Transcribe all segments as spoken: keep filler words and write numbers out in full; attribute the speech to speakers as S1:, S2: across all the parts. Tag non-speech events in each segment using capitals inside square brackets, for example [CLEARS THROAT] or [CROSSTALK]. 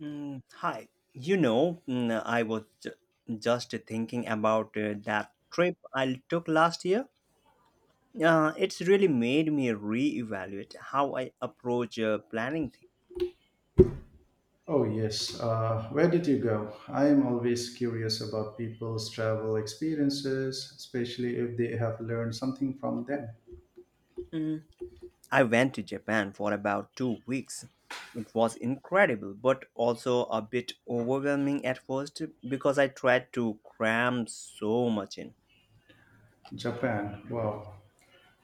S1: Mm, hi. You know, mm, I was ju- just thinking about uh, that trip I took last year. Uh, it's really made me reevaluate how I approach uh, planning things.
S2: Oh, yes. Uh, where did you go? I am always curious about people's travel experiences, especially if they have learned something from them.
S1: Mm, I went to Japan for about two weeks. It was incredible, but also a bit overwhelming at first because I tried to cram so much in.
S2: Japan. Wow.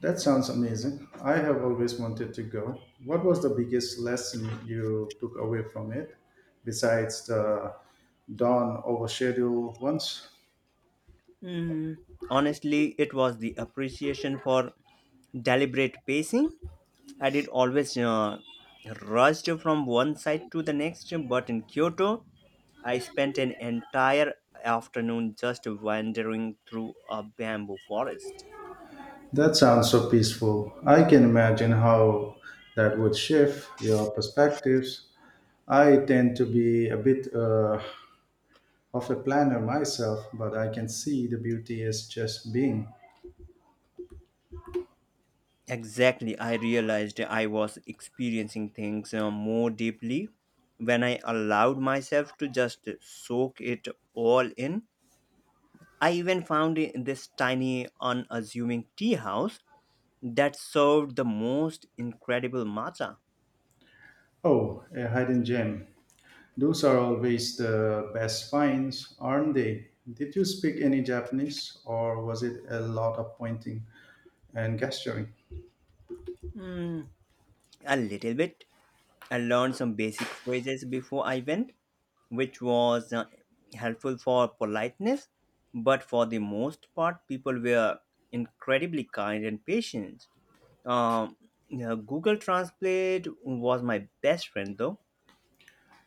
S2: That sounds amazing. I have always wanted to go. What was the biggest lesson you took away from it, besides the dawn over schedule once?
S1: Mm, Honestly, it was the appreciation for deliberate pacing. I did always uh, rushed from one side to the next, but in Kyoto, I spent an entire afternoon just wandering through a bamboo forest.
S2: That sounds so peaceful. I can imagine how that would shift your perspectives. I tend to be a bit uh, of a planner myself, but I can see the beauty is just being.
S1: Exactly, I realized I was experiencing things uh, more deeply when I allowed myself to just soak it all in. I even found i- this tiny, unassuming tea house that served the most incredible matcha.
S2: Oh, a hidden gem. Those are always the best finds, aren't they? Did you speak any Japanese or was it a lot of pointing and gesturing?
S1: A little bit. I learned some basic phrases before I went, which was uh, helpful for politeness. But for the most part, people were incredibly kind and patient. Um, yeah, Google Translate was my best friend, though.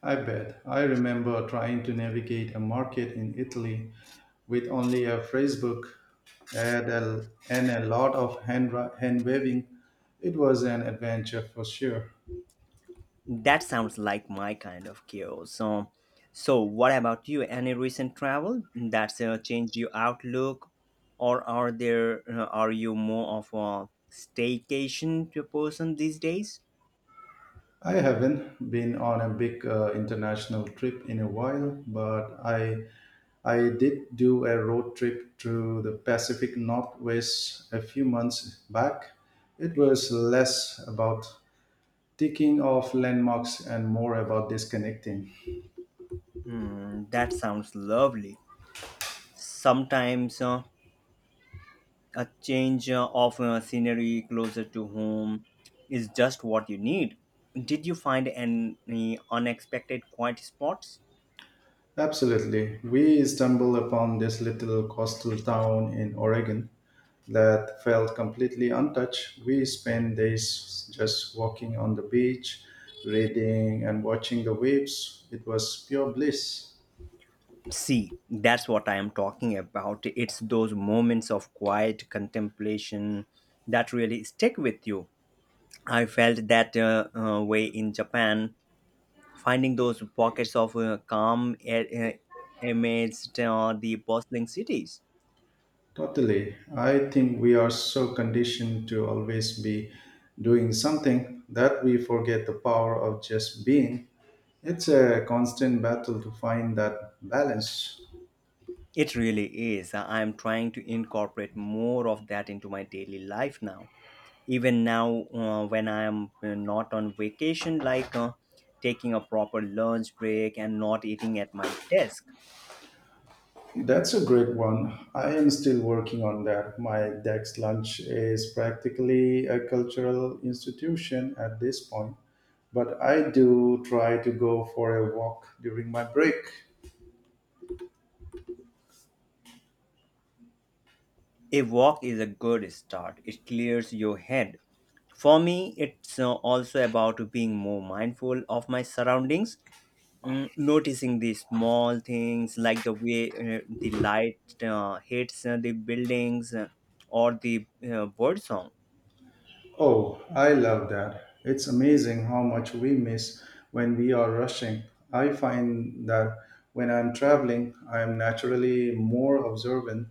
S2: I bet. I remember trying to navigate a market in Italy with only a phrasebook and a, and a lot of hand, hand waving. It was an adventure for sure.
S1: That sounds like my kind of chaos. So, so what about you? Any recent travel that's uh, changed your outlook, or are there uh, are you more of a staycation to person these days?
S2: I haven't been on a big uh, international trip in a while, but I I did do a road trip through the Pacific Northwest a few months back. It was less about ticking off landmarks and more about disconnecting.
S1: Hmm, that sounds lovely. Sometimes uh, a change uh, of uh, scenery closer to home is just what you need. Did you find any unexpected quiet spots?
S2: Absolutely. We stumbled upon this little coastal town in Oregon that felt completely untouched. We spent days just walking on the beach, reading and watching the waves. It was pure bliss.
S1: See, that's what I am talking about. It's those moments of quiet contemplation that really stick with you. I felt that uh, uh, way in Japan, finding those pockets of uh, calm a- a- amidst uh, the bustling cities.
S2: Totally. I think we are so conditioned to always be doing something that we forget the power of just being. It's a constant battle to find that balance.
S1: It really is. I am trying to incorporate more of that into my daily life now. Even now, uh, when I am uh, not on vacation, like uh, taking a proper lunch break and not eating at my desk.
S2: That's a great one. I am still working on that. My Dex lunch is practically a cultural institution at this point, but I do try to go for a walk during my break.
S1: A walk is a good start. It clears your head. For me, it's uh, also about being more mindful of my surroundings, mm, noticing the small things like the way uh, the light uh, hits uh, the buildings uh, or the uh, bird song.
S2: Oh, I love that. It's amazing how much we miss when we are rushing. I find that when I'm traveling, I'm naturally more observant.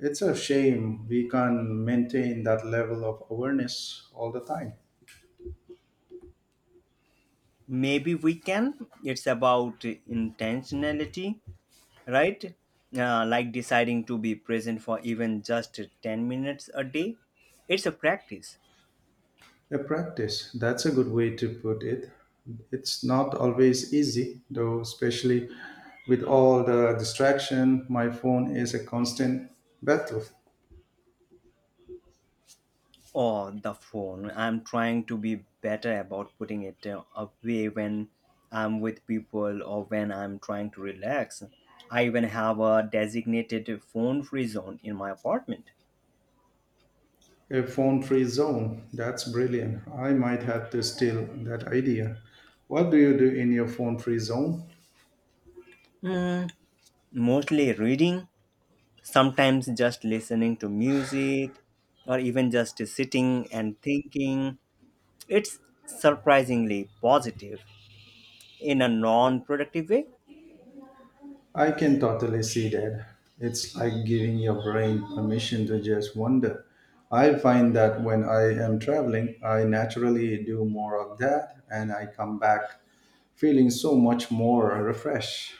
S2: It's a shame we can't maintain that level of awareness all the time.
S1: Maybe we can. It's about intentionality, right? Uh, like deciding to be present for even just ten minutes a day. It's a practice.
S2: A practice, that's a good way to put it. It's not always easy, though, especially with all the distraction. My phone is a constant battle.
S1: Or the phone. I'm trying to be better about putting it uh, away when I'm with people or when I'm trying to relax. I even have a designated phone free zone in my apartment.
S2: A phone free zone, that's brilliant. I might have to steal that idea. What do you do in your phone free zone?
S1: Mostly reading, sometimes just listening to music, or even just sitting and thinking. It's surprisingly positive in a non productive way.
S2: I can totally see that. It's like giving your brain permission to just wander. I find that when I am traveling, I naturally do more of that and I come back feeling so much more refreshed.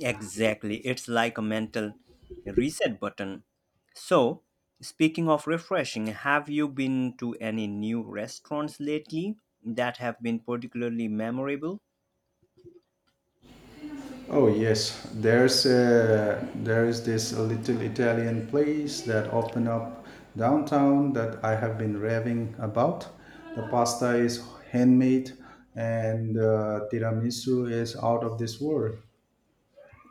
S1: Exactly. It's like a mental reset button. So, speaking of refreshing, have you been to any new restaurants lately that have been particularly memorable?
S2: Oh yes, there's a, there is this little Italian place that opened up downtown that I have been raving about. The pasta is handmade and uh, tiramisu is out of this world.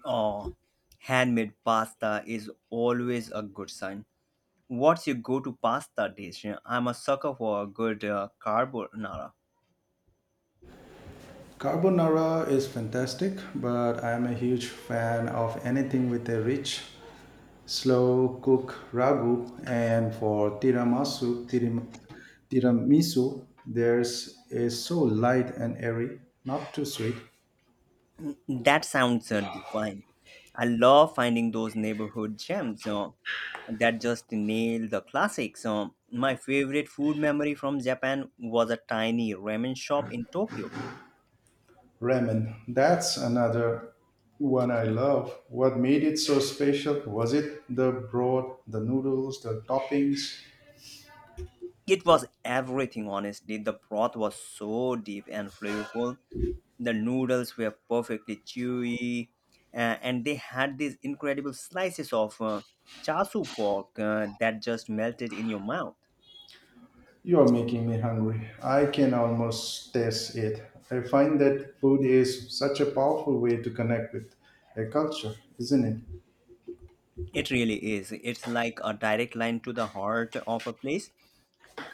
S1: Oh, handmade pasta is always a good sign. What's your go to pasta dish? I'm a sucker for a good uh, carbonara.
S2: Carbonara is fantastic, but I am a huge fan of anything with a rich, slow cook ragu. And for tiramisu, tiram, tiramisu, theirs is so light and airy, not too sweet.
S1: That sounds uh, divine. I love finding those neighborhood gems uh, that just nail the classics. Uh, my favorite food memory from Japan was a tiny ramen shop in Tokyo.
S2: Ramen, that's another one I love. What made it so special? Was it the broth, the noodles, the toppings?
S1: It was everything, honestly. The broth was so deep and flavorful. The noodles were perfectly chewy, uh, and they had these incredible slices of uh, chasu pork uh, that just melted in your mouth.
S2: You are making me hungry. I can almost taste it. I find that food is such a powerful way to connect with a culture, isn't it?
S1: It really is. It's like a direct line to the heart of a place.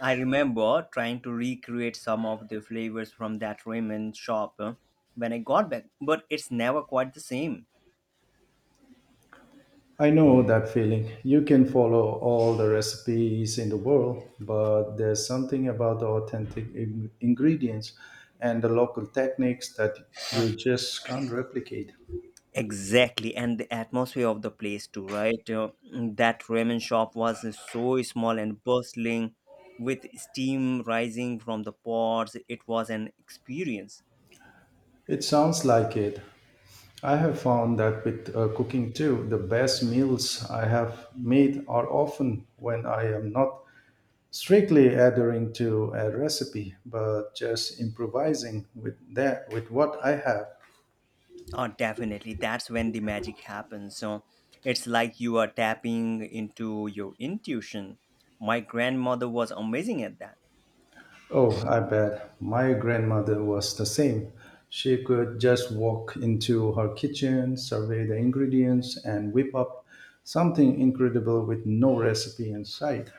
S1: I remember trying to recreate some of the flavors from that ramen shop uh, when I got back, but it's never quite the same.
S2: I know that feeling. You can follow all the recipes in the world, but there's something about the authentic in- ingredients and the local techniques that you just can't replicate.
S1: Exactly, and the atmosphere of the place too, right? Uh, that ramen shop was so small and bustling with steam rising from the pots. It was an experience.
S2: It sounds like it. I have found that with uh, cooking too, the best meals I have made are often when I am not strictly adhering to a recipe, but just improvising with that with what I have.
S1: Oh, definitely. That's when the magic happens. So it's like you are tapping into your intuition. My grandmother was amazing at that.
S2: Oh, I bet my grandmother was the same. She could just walk into her kitchen, survey the ingredients, and whip up something incredible with no recipe in sight.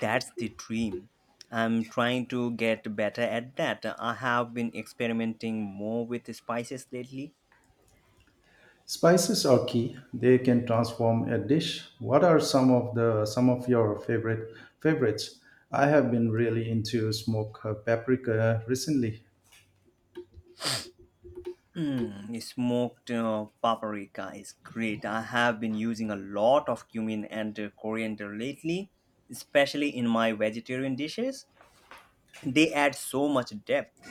S1: That's the dream. I'm trying to get better at that. I have been experimenting more with spices lately.
S2: Spices are key. They can transform a dish. What are some of the some of your favorite favorites? I have been really into smoked paprika recently.
S1: Mm, smoked uh, paprika is great. I have been using a lot of cumin and uh, coriander lately, especially in my vegetarian dishes. They add so much depth.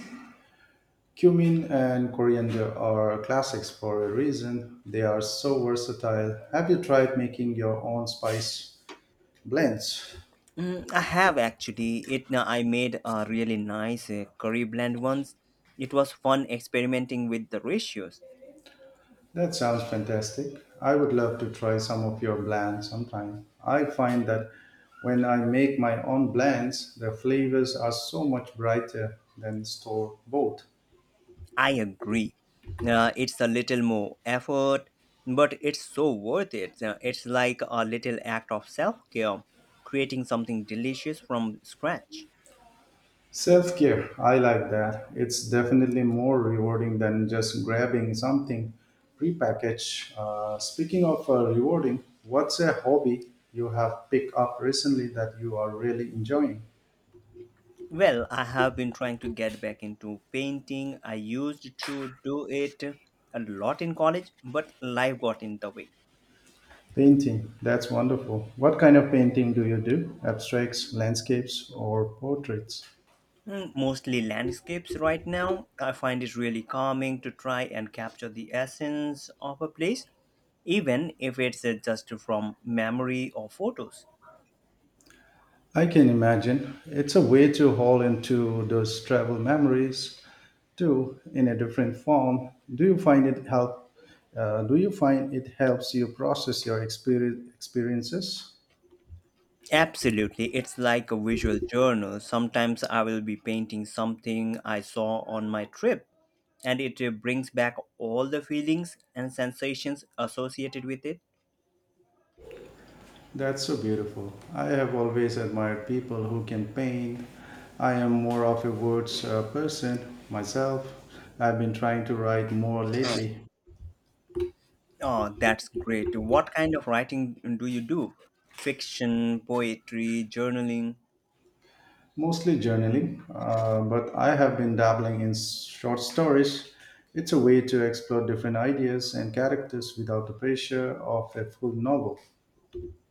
S2: Cumin and coriander are classics for a reason. They are so versatile. Have you tried making your own spice blends?
S1: Mm, I have actually. It uh, I made a really nice uh, curry blend once. It was fun experimenting with the ratios.
S2: That sounds fantastic. I would love to try some of your blends sometime. I find that when I make my own blends, the flavors are so much brighter than store bought.
S1: I agree. Uh, it's a little more effort, but it's so worth it. Uh, it's like a little act of self-care, creating something delicious from scratch.
S2: Self care, I like that. It's definitely more rewarding than just grabbing something prepackaged. Uh, speaking of uh, rewarding, what's a hobby you have picked up recently that you are really enjoying?
S1: Well, I have been trying to get back into painting. I used to do it a lot in college, but life got in the way.
S2: Painting, that's wonderful. What kind of painting do you do? Abstracts, landscapes, or portraits?
S1: Mm, Mostly landscapes right now. I find it really calming to try and capture the essence of a place, even if it's uh, just from memory or photos.
S2: I can imagine. It's a way to haul into those travel memories too in a different form. Do you find it help? Uh, do you find it helps you process your experi- experiences?
S1: Absolutely, it's like a visual journal. Sometimes I will be painting something I saw on my trip, and it uh, brings back all the feelings and sensations associated with it.
S2: That's so beautiful. I have always admired people who can paint. I am more of a words uh, person myself. I've been trying to write more lately.
S1: Oh, that's great. What kind of writing do you do? Fiction, poetry, journaling?
S2: Mostly journaling, uh, but I have been dabbling in short stories. It's a way to explore different ideas and characters without the pressure of a full novel.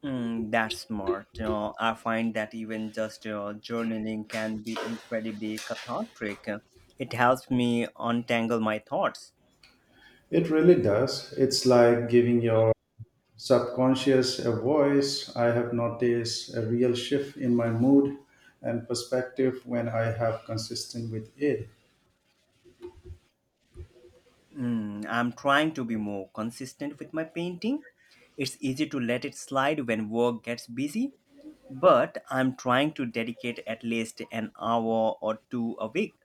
S1: Mm, that's smart. You know, I find that even just you know, journaling can be incredibly cathartic. It helps me untangle my thoughts.
S2: It really does. It's like giving your subconscious a voice. I have noticed a real shift in my mood and perspective when I have consistent with it.
S1: Mm, I'm trying to be more consistent with my painting. It's easy to let it slide when work gets busy, but I'm trying to dedicate at least an hour or two a week.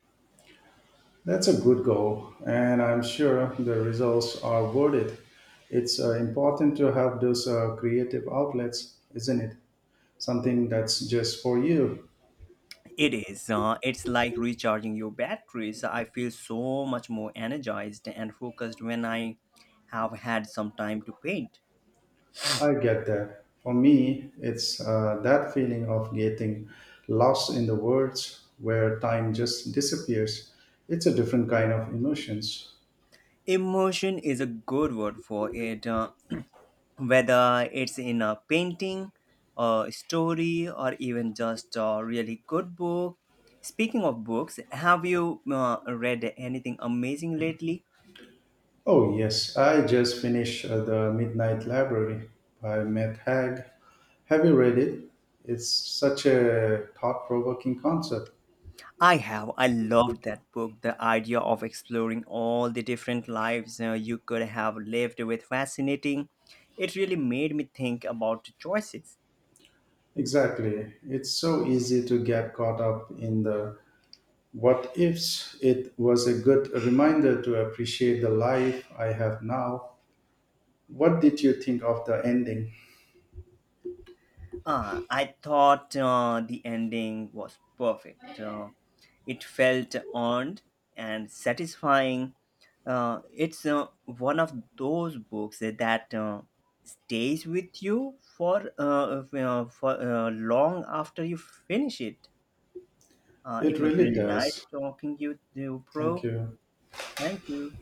S2: That's a good goal, and I'm sure the results are worth it. It's uh, important to have those uh, creative outlets, isn't it? Something that's just for you.
S1: It is. Uh, it's like recharging your batteries. I feel so much more energized and focused when I have had some time to paint.
S2: I get that. For me, it's uh, that feeling of getting lost in the words where time just disappears. It's a different kind of emotions.
S1: Emotion is a good word for it. Uh, [CLEARS THROAT] whether it's in a painting, a story, or even just a really good book. Speaking of books, have you uh, read anything amazing lately?
S2: Oh, yes, I just finished uh, The Midnight Library by Matt Haig. Have you read it? It's such a thought provoking concept.
S1: I have. I loved that book. The idea of exploring all the different lives uh, you could have lived with fascinating. It really made me think about the choices.
S2: Exactly. It's so easy to get caught up in the what ifs. It was a good reminder to appreciate the life I have now. What did you think of the ending?
S1: Uh, I thought uh, the ending was perfect. Uh, it felt earned and satisfying. Uh, it's uh, one of those books that uh, stays with you for uh, uh, for uh, long after you finish it. Uh, it
S2: It
S1: was
S2: really
S1: really nice
S2: does.
S1: talking you to you,
S2: Thank
S1: Pro.
S2: you.
S1: Thank you.